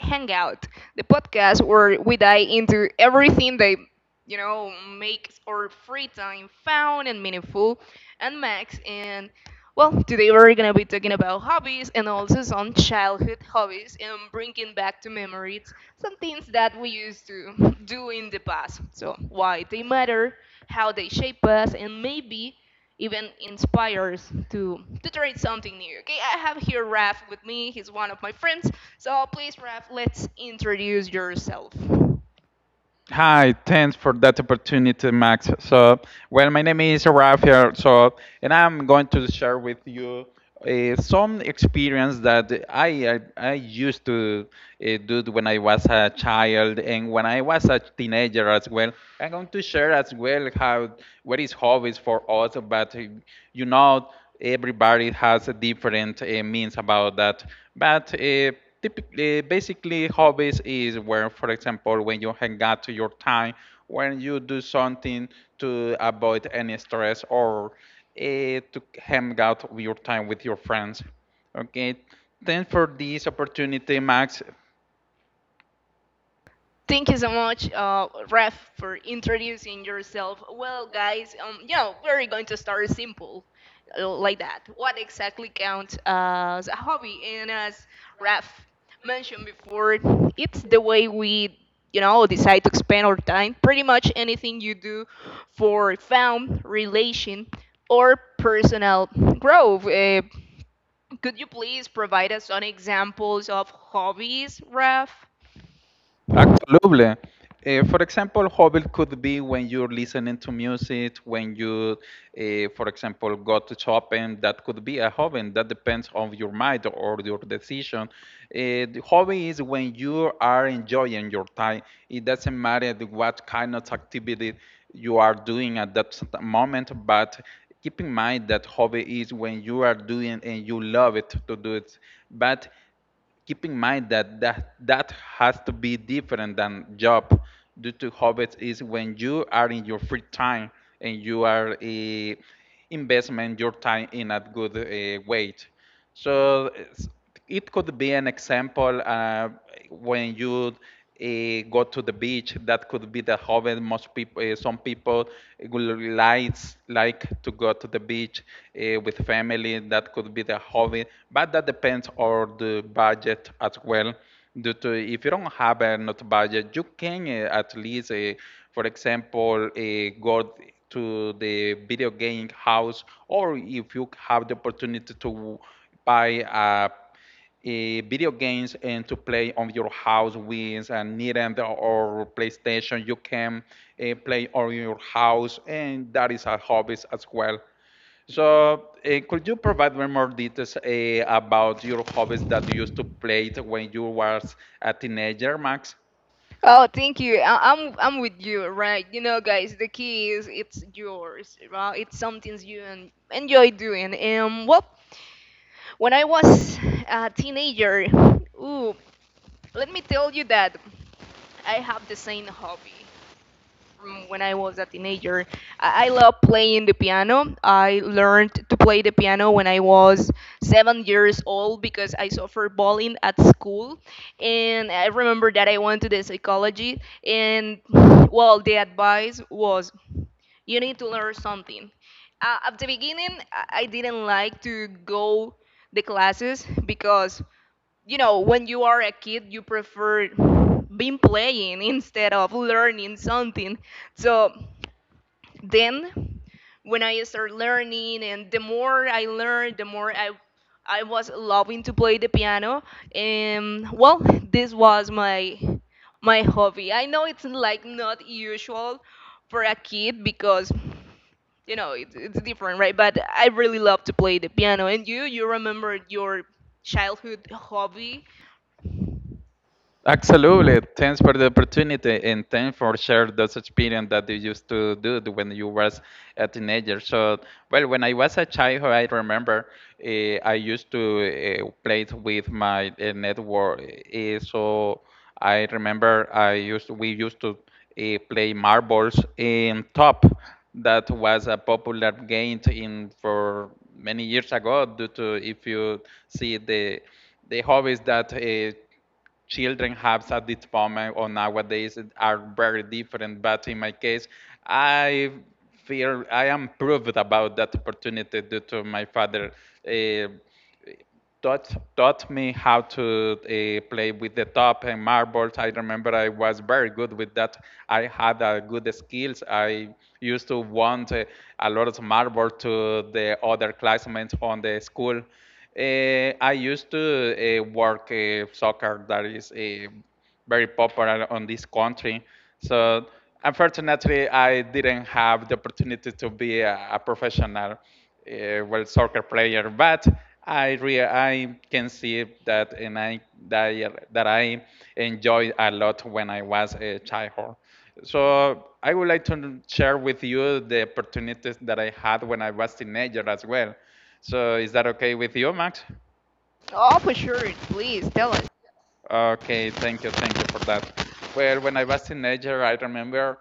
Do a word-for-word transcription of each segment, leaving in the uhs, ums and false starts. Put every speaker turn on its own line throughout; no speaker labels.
Hangout, the podcast where we dive into everything that you know makes our free time fun and meaningful. And Max, and well, today we're gonna be talking about hobbies and also some childhood hobbies and bringing back to memories some things that we used to do in the past. So why they matter, how they shape us, and maybe even inspires to to try something new. Okay, I have here Raf with me. He's one of my friends. So please, Raf, let's introduce yourself.
Hi, thanks for that opportunity, Max. So, well, my name is Rafael. So, and I'm going to share with you uh, some experience that I I, I used to uh, do when I was a child and when I was a teenager as well. I'm going to share as well how what is hobbies for us, but uh, you know everybody has a different uh, means about that. But uh, typically, basically, hobbies is where, for example, when you hang out to your time, when you do something to avoid any stress or uh, to hang out your time with your friends. Okay. Thanks for this opportunity, Max.
Thank you so much, uh, Ref, for introducing yourself. Well, guys, um, you know, we're going to start simple, uh, like that. What exactly counts as a hobby? And as Ref mentioned before, it's the way we, you know, decide to spend our time. Pretty much anything you do for fun, relation, or personal growth. Uh, could you please provide us some examples of hobbies, Ref?
Absolutely. Uh, for example, hobby could be when you're listening to music, when you, uh, for example, go to shopping. That could be a hobby. That depends on your mind or your decision. Uh, the hobby is when you are enjoying your time. It doesn't matter the- what kind of activity you are doing at that s- moment, but keep in mind that hobby is when you are doing and you love it to do it. But keep in mind that that, that, has to be different than job due to hobbies is when you are in your free time and you are eh, investment your time in a good uh, way so it's- it could be an example uh, when you uh, go to the beach, that could be the hobby. Most people, uh, some people will likes like to go to the beach uh, with family. That could be the hobby, but that depends on the budget as well. Due to if you don't have enough budget, you can uh, at least, uh, for example, uh, go to the video game house, or if you have the opportunity to buy a eh, video games and to play on your house with a Nintendo or PlayStation. You can uh, play on your house, and that is a hobby as well. So, uh, could you provide me more details uh, about your hobbies that you used to play when you was a teenager, Max?
Oh, thank you. I- I'm I'm with you, right? You know, guys, the key is it's yours, right? It's something you en- enjoy doing. And well, when I was a teenager, ooh, let me tell you that I have the same hobby from when I was a teenager. I, I love playing the piano. I learned to play the piano when I was seven years old because I suffered bullying at school. And I remember that I went to the psychology, and well, the advice was you need to learn something. Uh, at the beginning, I I didn't like to go the classes because you know when you are a kid you prefer being playing instead of learning something. So then when I started learning and the more I learned, the more i i was loving to play the piano. And well, this was my my hobby i know it's like not usual for a kid because you know it's, it's different, right? But I really love to play the piano. And you you remember your childhood hobby?
Absolutely. Thanks for the opportunity and thanks for sharing those experience that you used to do the- when you was a teenager. So, well, when I was a child, I remember uh, I used to uh, play with my uh, network. Uh, so I remember I used we used to uh, play marbles in top. That was a popular game in for many years ago due to if you see the the hobbies that uh, children have at this moment or nowadays are very different. But in my case, I feel I am proved about that opportunity due to my father. Uh, taught taught me how to uh, play with the top and marbles. I remember I was very good with that. I had uh, good skills. I used to want uh, a lot of marbles to the other classmates on the school. Uh, I used to uh, work uh, soccer, that is. Uh, very popular on this country. So unfortunately, I didn't have the opportunity to be a, a professional uh, well soccer player, but I re- I can see that and I that, that I enjoyed a lot when I was a childhood. So I would like to share with you the opportunities that I had when I was teenager as well. So is that okay with you, Max?
Oh, for sure, please tell us.
Okay, thank you, thank you for that. Well, when I was teenager, I remember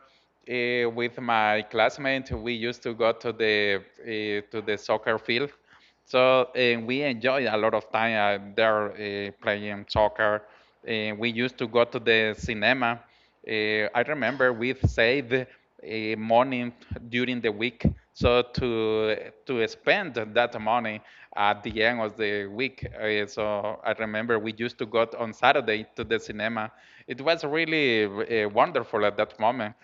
uh, with my classmate, we used to go to the uh, to the soccer field so uh, we enjoy a lot of time uh, there uh, playing soccer. Uh, we used to go to the cinema. Uh, I remember we saved uh, money during the week, so to to spend that money at the end of the week. Uh, so I remember we used to go on Saturday to the cinema. It was really uh, wonderful at that moment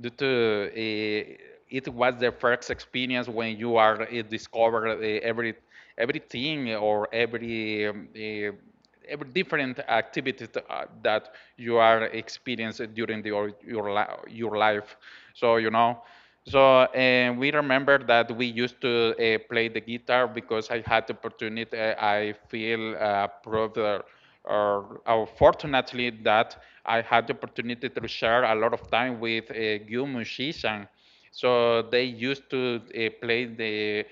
due to eh, it was the first experience when you are uh, discover uh, every everything or every um, eh, every different activity th- uh, that you are experiencing during the, your your li- your life. So you know. So and we remember that we used to uh, play the guitar because I had the opportunity. uh, I feel uh, proud. uh, uh, uh, fortunately, that I had the opportunity to share a lot of time with a uh, good musician. So they used to uh, play the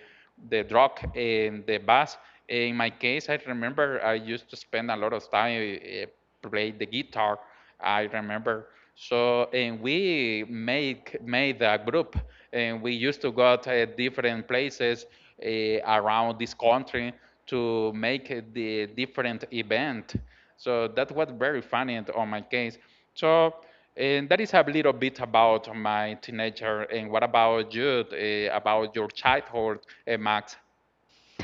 the rock and the bass. In my case, I remember I used to spend a lot of time uh, play the guitar. I remember. So and we make made a group, and we used to go to different places uh, around this country to make the different event. So that was very funny and on my case. So and that is a little bit about my teenager. And what about you? Uh, about your childhood, uh, Max?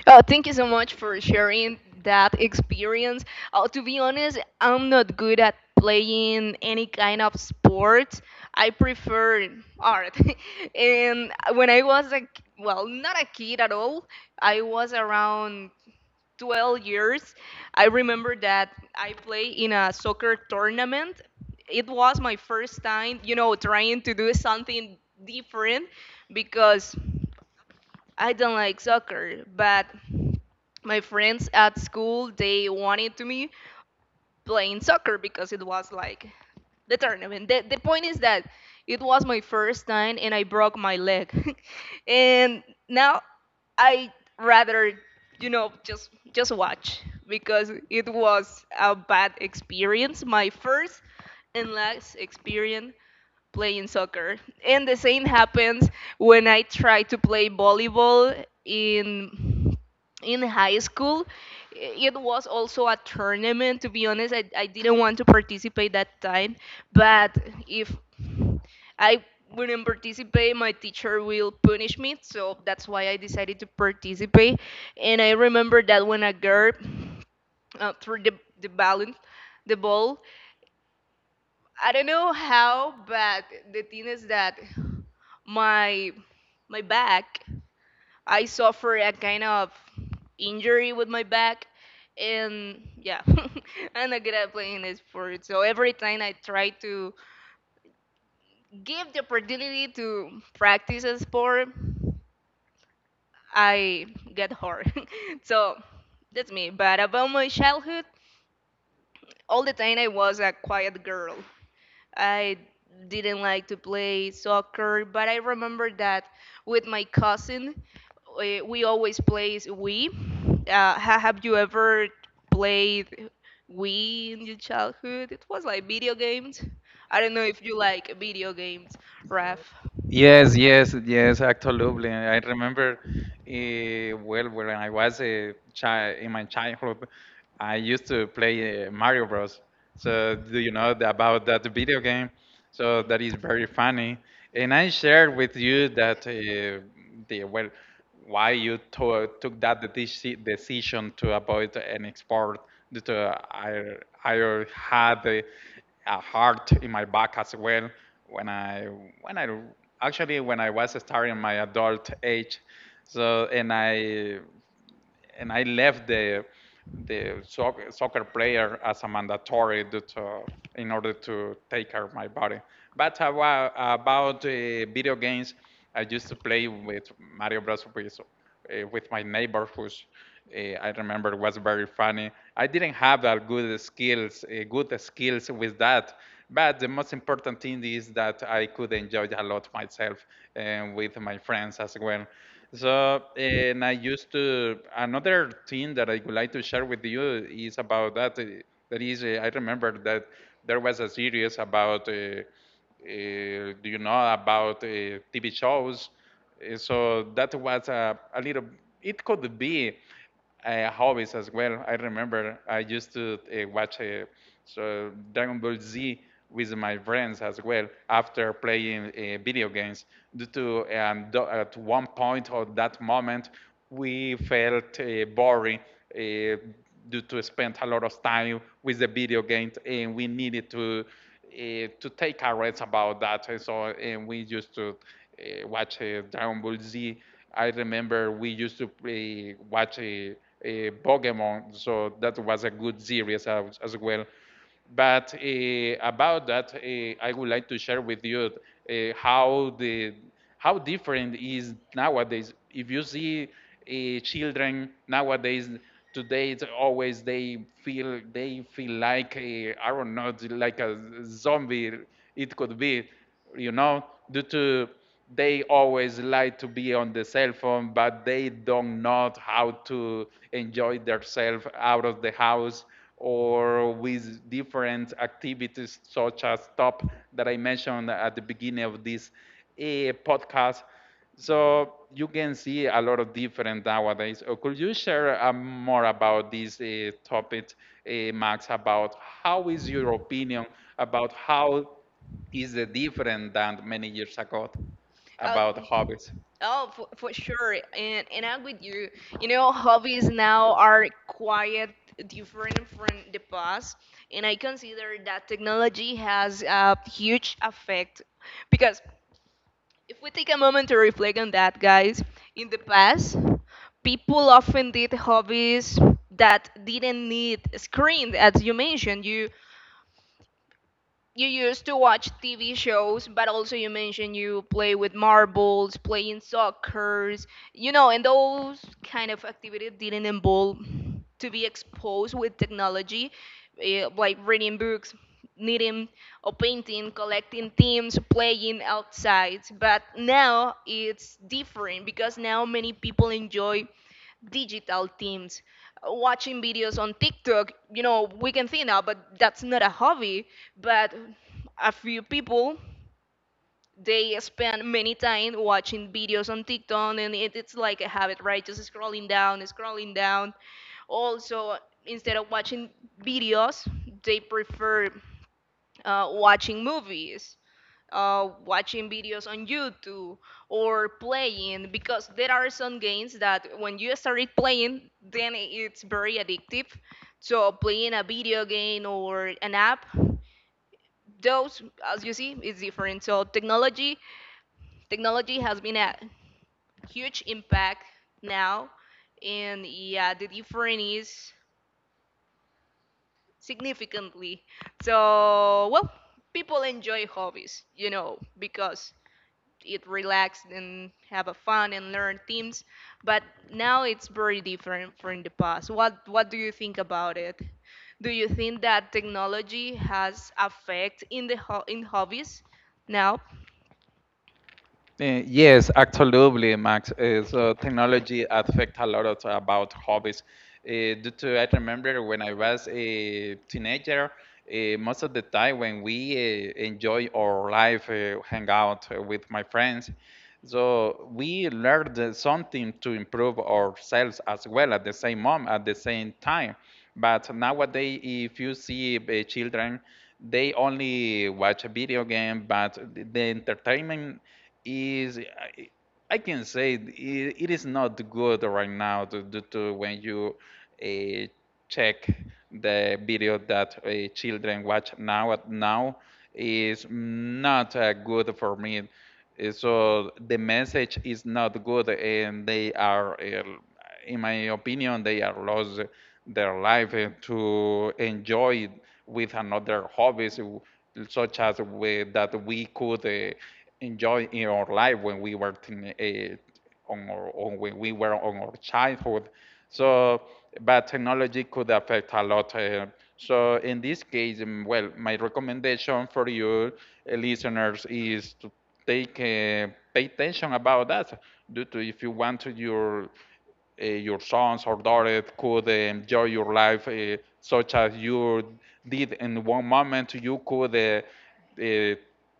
Oh, thank you so much for sharing that experience. Uh, to be honest, I'm not good at playing any kind of sport. I prefer art. And when I was a, k- well, not a kid at all, I was around twelve years. I remember that I played in a soccer tournament. It was my first time, you know, trying to do something different because I don't like soccer, but my friends at school they wanted to me playing soccer because it was like the tournament. The, the point is that it was my first time and I broke my leg. And now I rather you know just just watch because it was a bad experience, my first and last experience playing soccer. And the same happens when I try to play volleyball in in high school. It was also a tournament. To be honest, I, I didn't want to participate that time, but if I wouldn't participate, my teacher will punish me. So that's why I decided to participate. And I remember that when a girl uh, threw the, the balloon, the ball, I don't know how, but the thing is that my my back, I suffer a kind of injury with my back, and yeah. I'm not good at playing a sport. So every time I try to give the opportunity to practice a sport, I get hurt. So that's me. But about my childhood, all the time I was a quiet girl. I didn't like to play soccer, but I remember that with my cousin, we, we always play Wii. Uh, ha- have you ever played Wii in your childhood? It was like video games. I don't know if you like video games, Raf.
Yes, yes, yes, absolutely. I remember uh, well when I was a child in my childhood, I used to play uh, Mario Bros. So do you know the- about that video game? So that is very funny. And I shared with you that uh, the well why you to took that deci- decision to avoid an export due to I I had a, a heart in my back as well when I when I actually when I was starting my adult age, so and I and I left the the soc- soccer player as a mandatory due to, in order to take care of my body. But about, about uh, video games, I used to play with Mario Bros. With, uh, with my neighbor who's uh, I remember it was very funny. I didn't have that good skills, uh, good skills with that. But the most important thing is that I could enjoy a lot myself and with my friends as well. So, and I used to, another thing that I would like to share with you is about that. uh, That is, uh, I remember that there was a series about, uh, uh, do you know, about uh, T V shows uh, so that was a, a little, it could be uh, hobbies as well. I remember I used to uh, watch uh, so Dragon Ball Z with my friends as well after playing uh, video games. Due to um, th- at one point or that moment, we felt uh, boring uh, due to spend a lot of time with the video games, and we needed to uh, to take a rest about that. And so and we used to uh, watch uh, Dragon Ball Z. I remember we used to play, watch a, a Pokemon, so that was a good series as, as well. But uh, about that, uh, I would like to share with you uh, how the how different is nowadays. If you see uh, children nowadays, today it's always they feel they feel like I I don't know, like a zombie. It could be you know, due to they always like to be on the cell phone, but they don't know how to enjoy themselves out of the house or with different activities such as top that I mentioned at the beginning of this eh, podcast. So you can see a lot of different nowadays. Uh, Could you share um, more about this uh, topic, uh, Max, about how is your opinion about how is uh, different than many years ago
Uh,
about hobbies.
Oh, for, for sure, and and I'm with you. You know, hobbies now are quite different from the past, and I consider that technology has a huge effect because if we take a moment to reflect on that, guys, in the past, people often did hobbies that didn't need screens, as you mentioned. You you used to watch T V shows, but also you mentioned you play with marbles, playing soccers, you know, and those kind of activities didn't involve to be exposed with technology, eh, like reading books, knitting or painting, collecting themes, playing outside. But now it's different because now many people enjoy digital teams, watching videos on TikTok. You know, we can think now, but that's not a hobby. But a few people, they spend many time watching videos on TikTok, and it, it's like a habit, right? Just scrolling down, scrolling down. Also, instead of watching videos, they prefer uh, watching movies uh, watching videos on YouTube or playing because there are some games that when you start it playing, then it's very addictive. So playing a video game or an app, those as you see is different. So technology, technology has been a huge impact now, and yeah, the difference is significantly. So well, people enjoy hobbies, you know, because it relaxed and have a fun and learn themes. But now it's very different from the past. What what do you think about it? Do you think that technology has affect in the ho- in hobbies now?
Uh, Yes, absolutely, Max. Uh, so technology affect a lot of about hobbies. Uh, due to I remember when I was a teenager, uh, most of the time when we uh, enjoy our life, uh, hang out uh, with my friends, so we learned uh, something to improve ourselves as well at the same moment, at the same time. But nowadays, if you see uh, children, they only watch a video game, but the the entertainment is I, I can say it, it is not good right now to do to when you uh, check the video that uh, children watch now at now is not uh, good for me uh, So The message is not good, and they are, uh, in my opinion, they are lost their life uh, to enjoy with another hobbies, w- such as we, that we could uh, enjoy in our life when we were teen, eh, on our own when we were on our childhood. So, but technology could affect a lot. uh, so in this case, um, well, my recommendation for you uh, listeners is to take uh, pay attention about that. Due to if you want to your uh, your sons or daughters could uh, enjoy your life uh, such as you did in one moment you could uh, uh,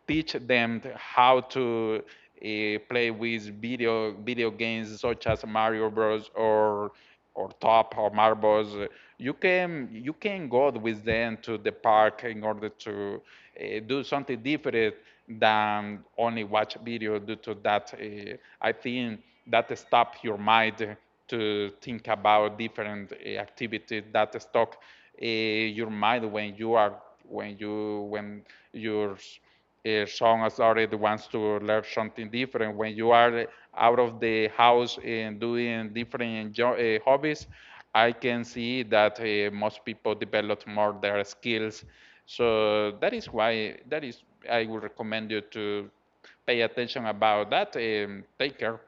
teach them how to uh, play with video video games such as Mario Bros or or top or marbles. uh, You can you can go with them to the park in order to uh, do something different than only watch video. Due to that, uh, I think that stop your mind to think about different uh, activities that stop uh, your mind when you are when you when your uh, Sean has already wants to learn something different. When you are out of the house and doing different uh, hobbies, I can see that uh, most people develop more their skills. So that is why that is I would recommend you to pay attention about that and take care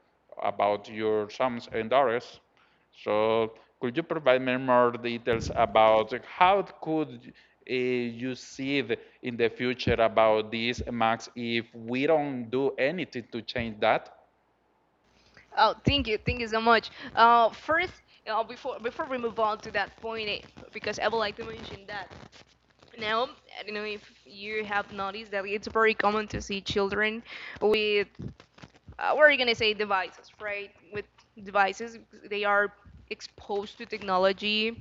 about your sums and dollars. So could you provide me more details about how could uh, you see the, in the future about this, Max, if we don't do anything to change that?
Oh, thank you, thank you so much. Uh, first, uh, before before we move on to that point, eh, because I would like to mention that now I don't know if you have noticed that it's very common to see children with uh, we're gonna say devices, right? With devices, they are exposed to technology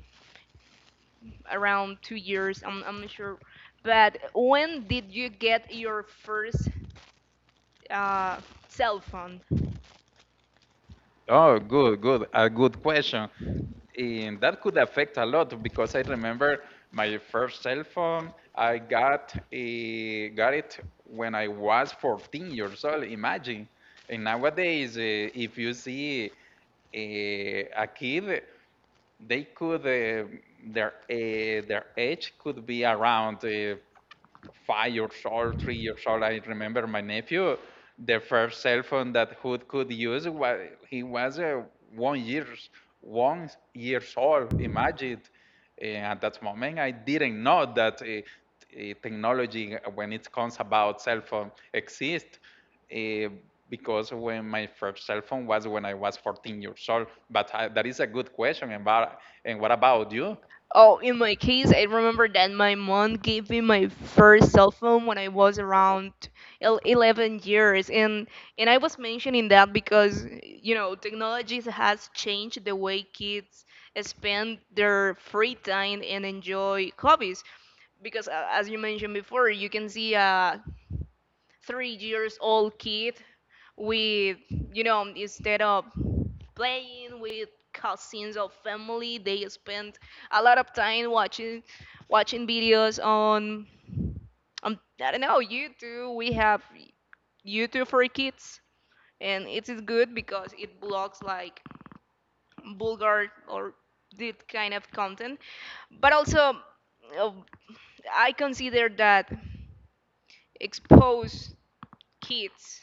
around two years. I'm I'm not sure, but when did you get your first uh, cell phone?
Oh, good, good. A good question. And that could affect a lot because I remember my first cell phone. I got eh, got it when I was fourteen years old. Imagine. And nowadays, eh, if you see eh, a kid, they could uh, their uh, their age could be around uh, five years old, three years old. I remember my nephew, the first cell phone that Hood could use, wa- he was uh, one years one years old. Imagine uh, at that moment, I didn't know that uh, t- uh, technology, uh, when it comes about cell phone, exists. Uh, because when my first cell phone was when I was fourteen years old. But I, that is a good question. And, about, and what about you?
Oh, in my case, I remember that my mom gave me my first cell phone when I was around el- eleven years. And, and I was mentioning that because, you know, technologies has changed the way kids spend their free time and enjoy hobbies. Because uh, as you mentioned before, you can see a three years old kid with, you know, instead of playing with cousins or family. They spend a lot of time watching watching videos on on I don't know YouTube. We have YouTube for kids, and it is good because it blocks like vulgar or this kind of content. But also, uh, I consider that expose kids,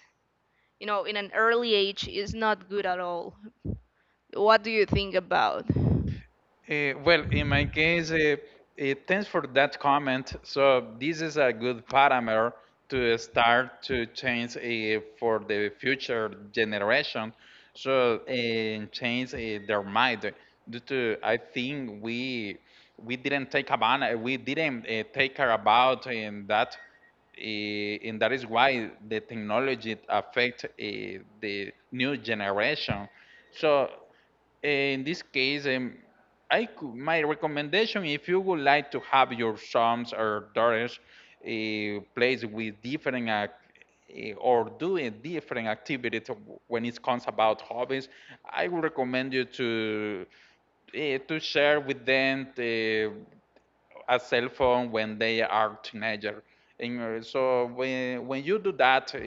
you know, in an early age is not good at all. What do you think about?
Eh, well, in my case, uh, uh, thanks for that comment. So this is a good parameter to start to change uh, for the future generation. So uh, change uh, their mind. Due to I think we we didn't take about we didn't uh, take care about in that eh, and that is why the technology affect eh, the new generation. So in this case, um, I could, my recommendation, if you would like to have your sons or daughters uh, play with different ac- eh, or doing different activities when it comes about hobbies, I would recommend you to uh, to share with them uh, a cell phone when they are teenager. And uh, so when when you do that, uh,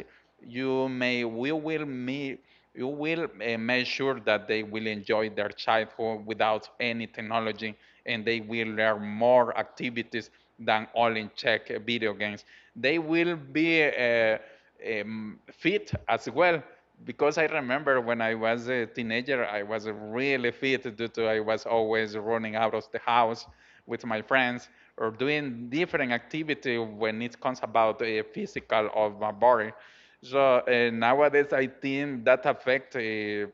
you may we will me you will uh, make sure that they will enjoy their childhood without any technology, and they will learn more activities than all in check video games. They will be uh, um, fit as well because I remember when I was a teenager, I was really fit due to I was always running out of the house with my friends or doing different activity when it comes about the physical of my body. So uh, nowadays, I think that affect uh,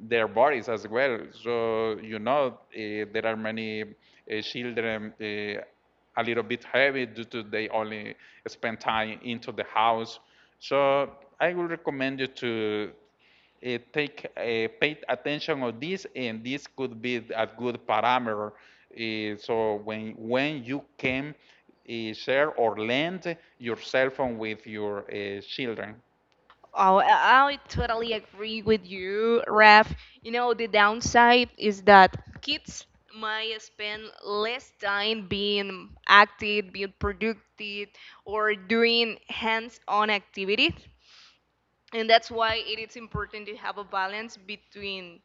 their bodies as well. So you know eh, there are many eh, children eh, a little bit heavy due to they only spend time into the house. So I would recommend you to uh, take uh, pay attention of this, and this could be a good parameter. Uh, so when when you can uh, share or lend your cell phone with your uh, children.
Oh, I I totally agree with you, Raf. You know, the downside is that kids might spend less time being active, being productive, or doing hands-on activities. And that's why it is important to have a balance between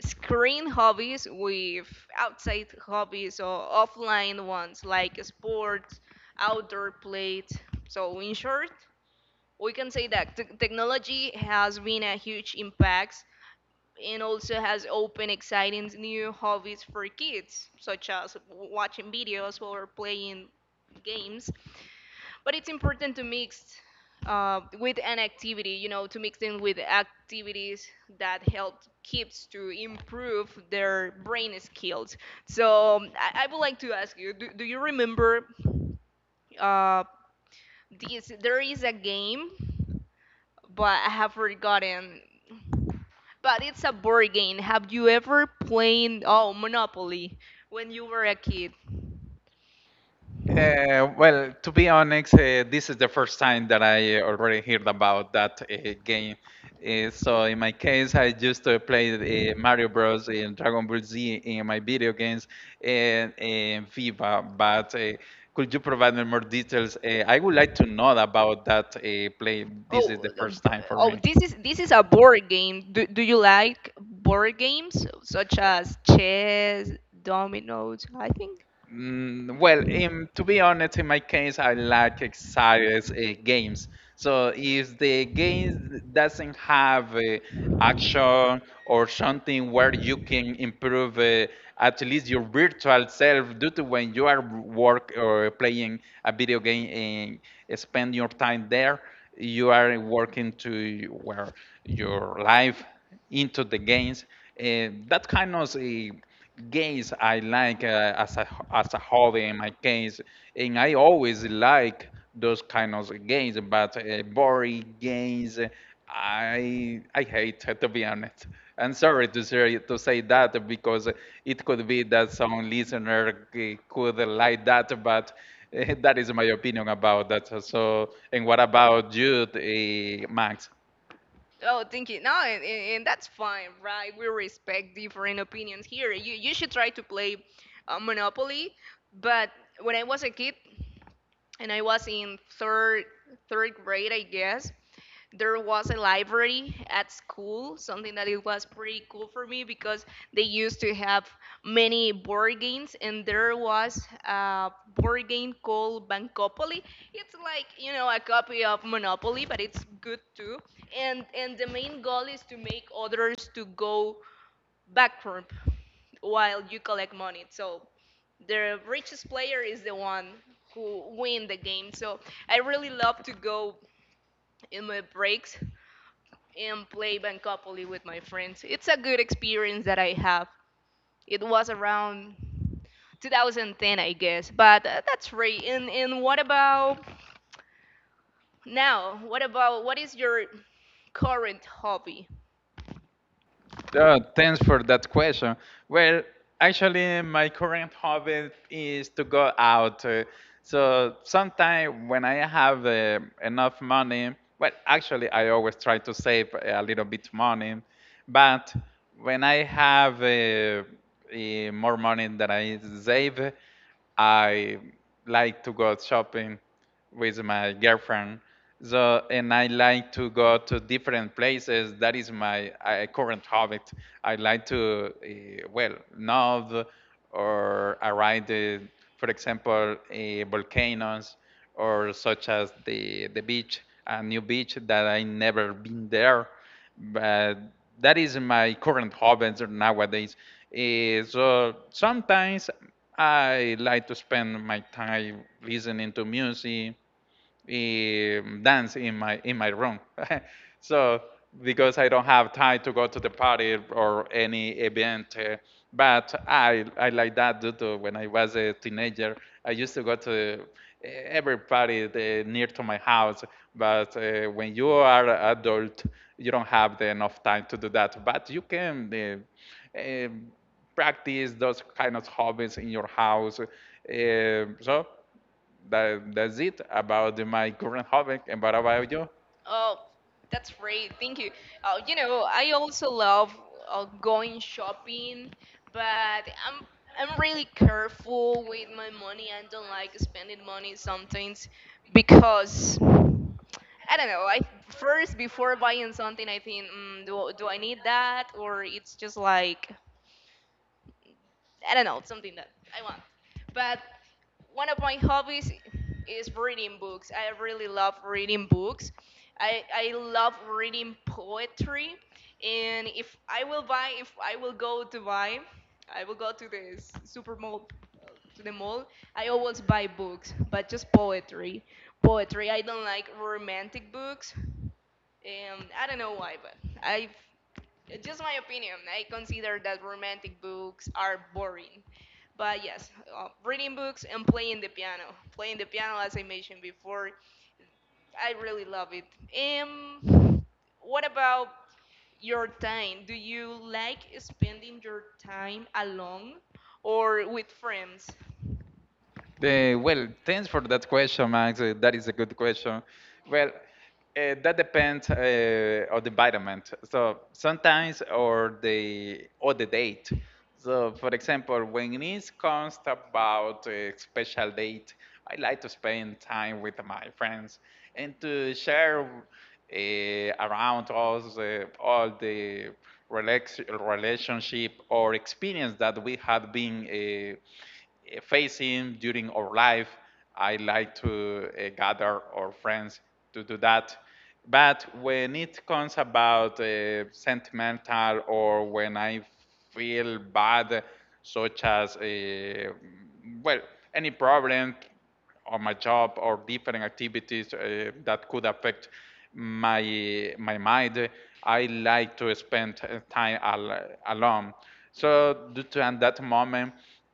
screen hobbies with outside hobbies or offline ones like sports, outdoor play. So, in short, we can say that t- technology has been a huge impact and also has opened exciting new hobbies for kids, such as watching videos or playing games. But it's important to mix uh, with an activity, you know, to mix in with activities that help kids to improve their brain skills. So um, I, I would like to ask you, do, do you remember uh, this? There is a game, but I have forgotten. But it's a board game. Have you ever played, oh, Monopoly when you were a kid?
Uh, well, to be honest, uh, this is the first time that I already heard about that uh, game. Uh, so in my case, I used to play uh, Mario Bros. And Dragon Ball Z in my video games and, and FIFA. But uh, could you provide me more details? Uh, I would like to know about that uh, play. This is
Oh,
the
the
first time
b-
for
oh
me.
this is this is a board game. Do, do you like board games such as chess, dominoes, I think?
Mm, well, um, to be honest, in my case, I like excited uh, games. So if the game doesn't have uh, action or something where you can improve uh, at least your virtual self due to when you are work or playing a video game and spend your time there, you are working to where your life into the games. Uh, that kind of uh, games I like uh, as a as a hobby in my case, and I always like those kind of games. But uh, boring games, I I hate to be honest. I'm sorry to say to say that because it could be that some listener c- could like that, but. eh, That is my opinion about that. So, and what about you, eh, Max?
Oh, thank you. No, and, and and that's fine, right? We respect different opinions here. You you should try to play uh, Monopoly, but when I was a kid and I was in third third grade, I guess, there was a library at school, something that it was pretty cool for me because they used to have many board games, and there was a board game called Bancopoly. It's like you know a copy of Monopoly, but it's good too. And and the main goal is to make others to go backward while you collect money. So the richest player is the one who win the game. So I really love to go in my breaks and play Bancopoli with my friends. It's a good experience that I have. It was around two thousand ten, I guess, but uh, that's right. And, and what about now? What about what is your current hobby?
Uh, thanks for that question. Well, actually, my current hobby is to go out. uh, So sometime when I have uh, enough money, well, actually, I always try to save a little bit money. But when I have uh, eh, more money that I save, I like to go shopping with my girlfriend. So, and I like to go to different places. That is my uh, current hobby. I like to, uh, well, know or arrive, the, for example, uh, volcanoes or such as the the beach, a new beach that I never been there but that is my current hobbies nowadays. Eh, so sometimes I like to spend my time listening to music, um, dance in my in my room. So because I don't have time to go to the party or any event, uh, but I I like that due to when I was a teenager. I used to go to eh, every party near to my house, but uh, when you are an adult, you don't have the enough time to do that. But you can. Uh, um practice those kind of hobbies in your house. Uh, so that, that's it about my current hobby. And what about you?
Oh, that's great. Thank you. Uh, you know, I also love uh, going shopping, but I'm I'm really careful with my money. I don't like spending money sometimes because I don't know. I first before buying something, I think, mm, do do I need that, or it's just like I don't know, it's something that I want. But one of my hobbies is reading books. I really love reading books. I I love reading poetry, and if I will buy, if I will go to buy, I will go to the s- super mall to the mall, I always buy books, but just poetry. Poetry. I don't like romantic books. Um, I don't know why, but I, just my opinion, I consider that romantic books are boring. But yes, uh, reading books and playing the piano. Playing the piano, as I mentioned before, I really love it. Um, what about your time? Do you like spending your time alone or with friends?
Eh, well, thanks for that question, Max. Uh, that is a good question. Well, uh, that depends uh, on the vitamin. So sometimes or the or the date. So for example, when it comes about a special date, I like to spend time with my friends and to share uh, around us uh, all the relax relationship or experience that we have been. Uh, eh, facing during our life. I like to uh, gather our friends to do that. But when it comes about uh, sentimental or when I feel bad, such as uh, well any problem on my job or different activities uh, that could affect my my mind. I like to spend uh, time al- alone. So due to at that moment,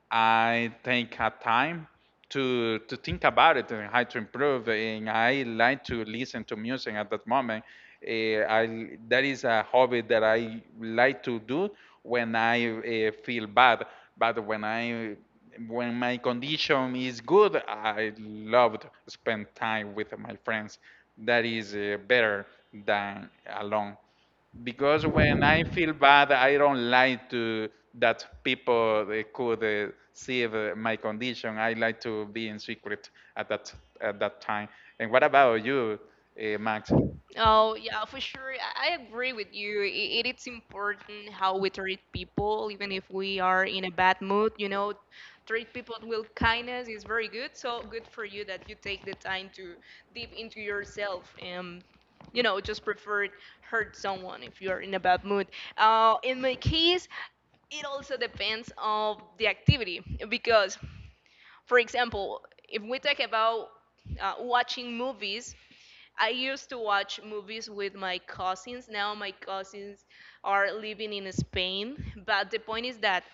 I take a time to to think about it and how to improve. And I like to listen to music at that moment. Eh, I that is a hobby that I like to do when I uh, feel bad. But when I when my condition is good, I love to spend time with my friends. That is uh, better than alone. Because when I feel bad, I don't like to that people they could uh, see the, my condition. I like to be in secret at that at that time. And what about you, uh, Max?
Oh, yeah, for sure. I I agree with you. I- It, it's important how we treat people, even if we are in a bad mood. You know, treat people with kindness is very good. So good for you that you take the time to deep into yourself and, you know, just prefer hurt someone if you're in a bad mood. Uh, in my case, it also depends on the activity because, for example, if we talk about uh, watching movies, I used to watch movies with my cousins. Now my cousins are living in Spain. But the point is that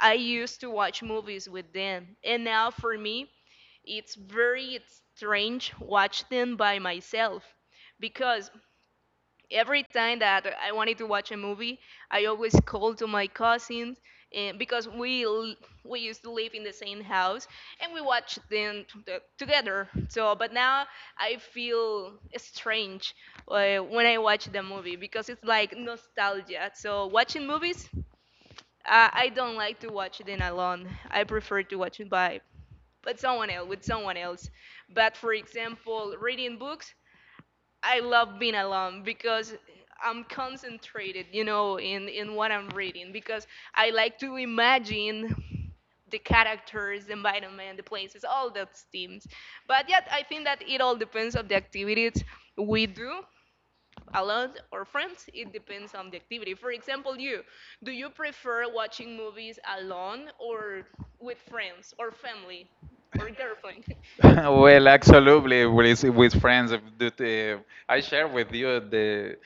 I used to watch movies with them. And now for me, it's very strange watching them by myself because every time that I wanted to watch a movie, I always called to my cousins and because we l- we used to live in the same house and we watched them t- the- together. So, but now I feel strange uh, when I watch the movie because it's like nostalgia. So, watching movies, uh, I don't like to watch them alone. I prefer to watch it by but someone else with someone else. But for example, reading books, I love being alone because I'm concentrated, you know, in, in what I'm reading because I like to imagine the characters, the environment, the places, all those things. But yet, I think that it all depends on the activities we do alone or friends. It depends on the activity. For example, you, do you prefer watching movies alone or with friends or family or girlfriend?
Well, absolutely, with with friends. If the- the- I share with you the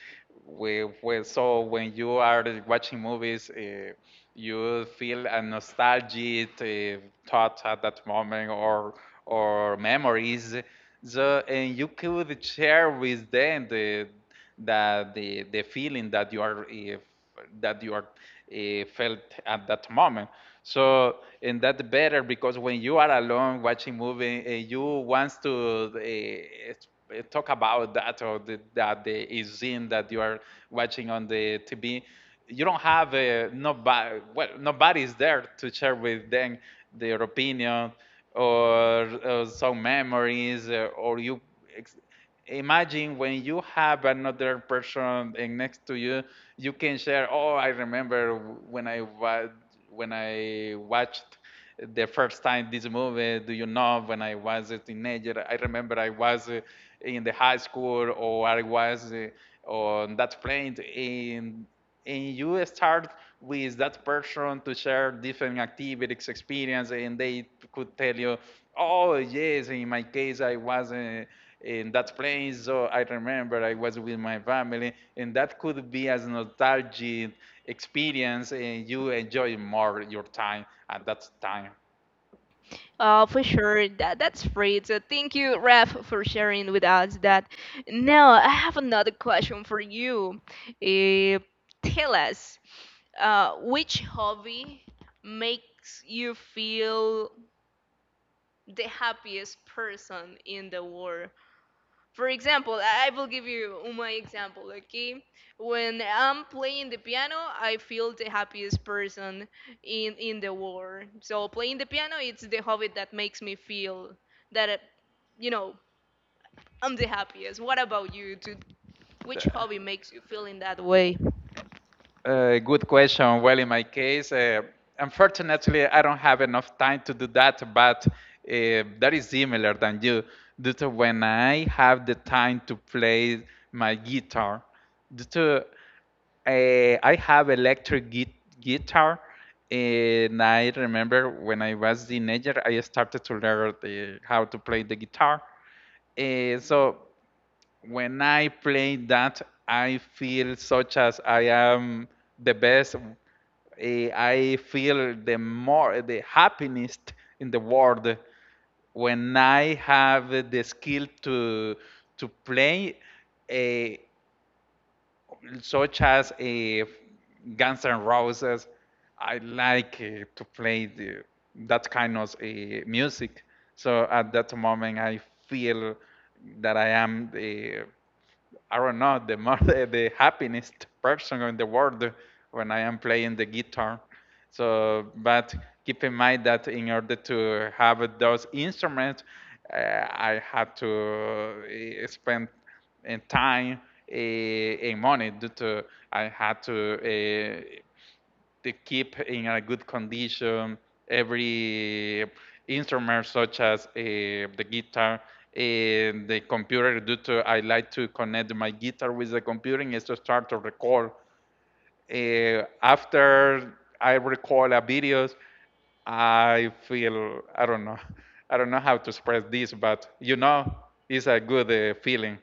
we, we so when you are watching movies, uh, you feel a nostalgic uh, thought at that moment or or memories. So and you could share with them the that the, the feeling that you are uh, that you are uh, felt at that moment. So and that's better because when you are alone watching movie, uh, you want to uh, uh, talk about that or the, that the uh, scene that you are watching on the T V. You don't have uh, nobody. Well, nobody is there to share with them their opinion or uh, some memories uh, or you ex- imagine when you have another person eh, next to you, you can share. Oh, I remember when I wa- when I watched the first time this movie. Do you know when I was a teenager? I remember I was eh, in the high school or I was eh, on that plane and and you start with that person to share different activities experience and they could tell you, oh yes, in my case I was uh, in that place. So I remember I was with my family, and that could be as nostalgic experience, and you enjoy more your time at that time.
Uh, for sure, that that's great. So thank you, Ref, for sharing with us that. Now I have another question for you. Uh, tell us, uh, which hobby makes you feel the happiest person in the world? For example, I I will give you my example, okay? When I'm playing the piano, I feel the happiest person in in the world. So playing the piano, it's the hobby that makes me feel that, uh, you know, I'm the happiest. What about you? To which hobby makes you feel in that way?
Uh, good question. Well, in my case, uh, unfortunately, I don't have enough time to do that, but uh, that is similar than you. Due to when I have the time to play my guitar, due to uh, I have electric gui- guitar, and I remember when I was teenager, I started to learn the, how to play the guitar. Uh, so when I play that, I feel such as I am the best. Eh, I feel the more the happiest in the world when I have the skill to to play, eh, such as a Guns N' Roses. I like eh, to play the, that kind of eh, music. So at that moment, I feel that I am the I don't know, the more the, the happiest person in the world when I am playing the guitar. So, but keep in mind that in order to have those instruments, uh, I had to uh, spend uh, time uh, and money due to I had to uh, to keep in a good condition every instrument such as uh, the guitar and the computer due to I like to connect my guitar with the computer and to start to record uh, after I record a videos I feel I don't know, I don't know how to express this, but you know it's a good uh, feeling.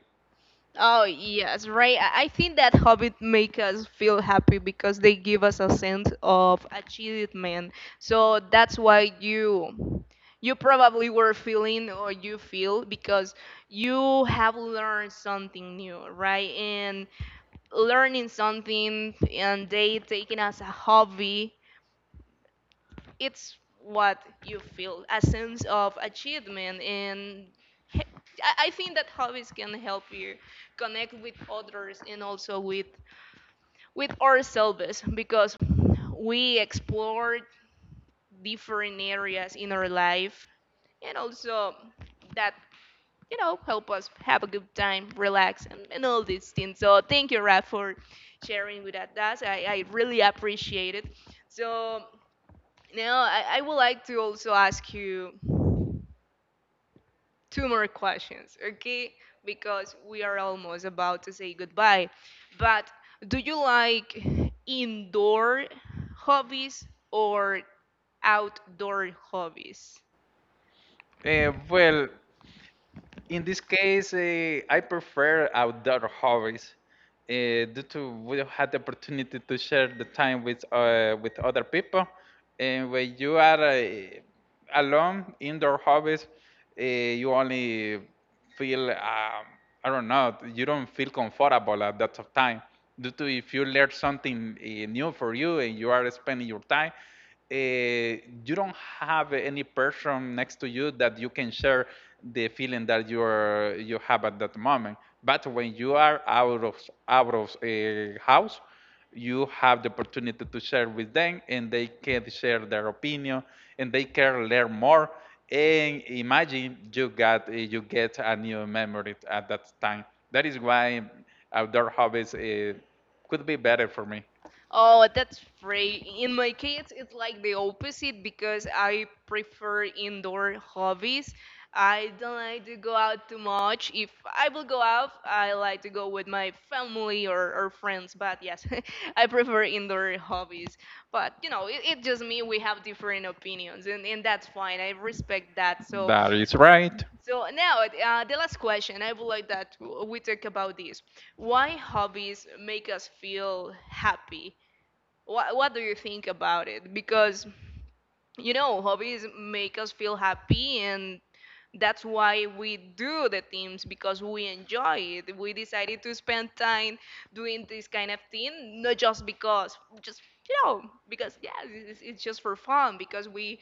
Oh yes, right. I I think that hobby make us feel happy because they give us a sense of achievement. So that's why you you probably were feeling or you feel because you have learned something new, right? And learning something and they taking as a hobby it's what you feel a sense of achievement and he- I I think that hobbies can help you connect with others and also with with ourselves because we explore different areas in our life and also that you know help us have a good time relax and, and all these things. So thank you, Raf, for sharing with us. I, I really appreciate it. So now, I, I would like to also ask you two more questions, okay? Because we are almost about to say goodbye. But do you like indoor hobbies or outdoor hobbies?
Uh, well, In this case, uh, I prefer outdoor hobbies uh, due to we don't have the opportunity to share the time with uh, with other people. And when you are uh, alone, indoor hobbies, uh, you only feel um, I don't know, you don't feel comfortable at that of time. Due to if you learn something uh, new for you and you are spending your time eh, you don't have any person next to you that you can share the feeling that you are you have at that moment. But when you are out of out of a house, you have the opportunity to share with them, and they can share their opinion, and they can learn more. And imagine you got uh, you get a new memory at that time. That is why outdoor hobbies eh, could be better for me.
Oh, that's great. In my case, it's like the opposite because I prefer indoor hobbies. I don't like to go out too much. If I will go out, I like to go with my family or, or friends. But yes, I prefer indoor hobbies. But you know, it, it's just me. We have different opinions, and, and that's fine. I respect that. So,
That is right.
so now uh, the last question. I would like that we talk about this. Why hobbies make us feel happy? what what do you think about it? Because you know, hobbies make us feel happy, and that's why we do the things because we enjoy it. We decided to spend time doing this kind of thing, not just because just, you know, because yeah, it's, it's just for fun because we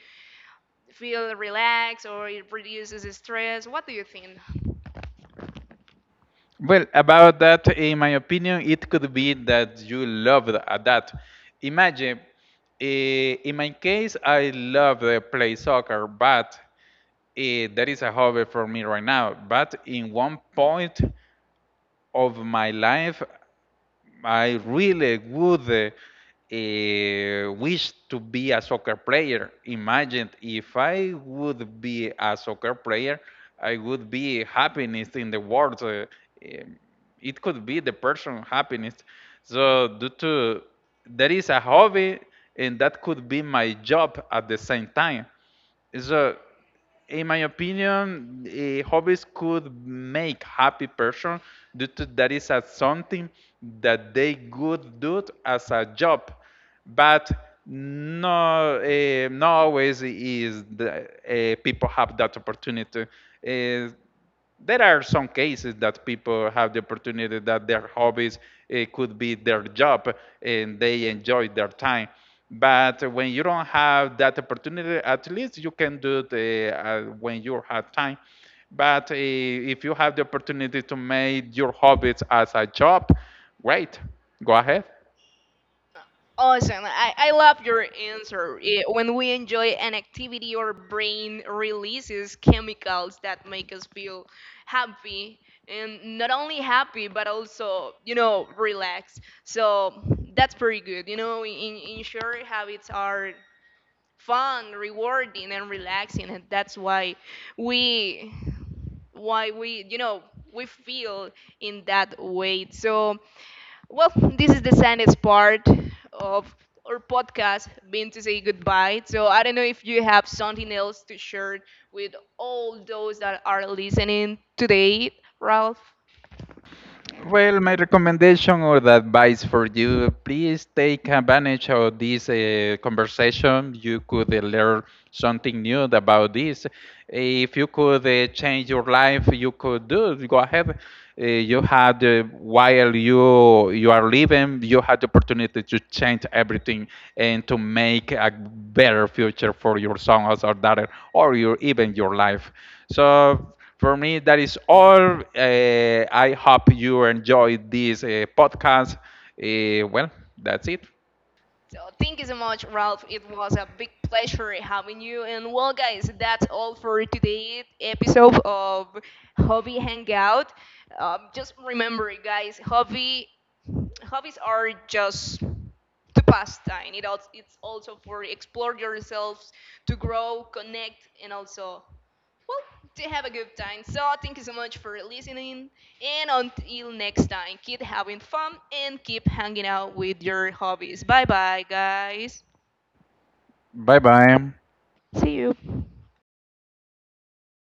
feel relaxed or it reduces stress. What do you think?
Well, about that, in my opinion, it could be that you love th- uh, that. Imagine, eh, in my case, I love to play soccer, but eh, that is a hobby for me right now. But in one point of my life, I really would uh, uh, wish to be a soccer player. Imagine if I would be a soccer player, I would be happiness in the world. uh, um, it could be the person happiness. So due to there is a hobby, and that could be my job at the same time. So, in my opinion, eh, hobbies could make happy person due to that is as something that they could do as a job, but no, eh, not always is the, eh, people have that opportunity. Eh, there are some cases that people have the opportunity that their hobbies eh, could be their job and they enjoy their time. But when you don't have that opportunity, at least you can do it eh, uh, when you have time. But eh, if you have the opportunity to make your hobbies as a job, great, go ahead.
Awesome. I, I love your answer. Eh, When we enjoy an activity, our brain releases chemicals that make us feel happy, and not only happy, but also, you know, relaxed. So that's pretty good. You know, in, in short, habits are fun, rewarding, and relaxing. And that's why we, why we, you know, we feel in that way. So well, this is the saddest part of our podcast being to say goodbye. So I don't know if you have something else to share with all those that are listening today, Ralph.
Well, my recommendation or the advice for you, please take advantage of this uh, conversation. You could uh, learn something new about this. If you could uh, change your life, you could do it. Go ahead. Uh, you had uh, while you you are living, you had the opportunity to change everything and to make a better future for your son or daughter, or your even your life. So, for me, that is all. Uh, I hope you enjoyed this uh, podcast. Uh, well, that's it.
So thank you so much, Ralph. It was a big pleasure having you. And well, guys, that's all for today's episode of Hobby Hangout. Um, just remember, guys, hobby hobbies are just to pastime. It also, it's also for explore yourselves, to grow, connect, and also, well, to have a good time. So thank you so much for listening. And until next time, keep having fun and keep hanging out with your hobbies. Bye bye, guys.
Bye bye.
See you.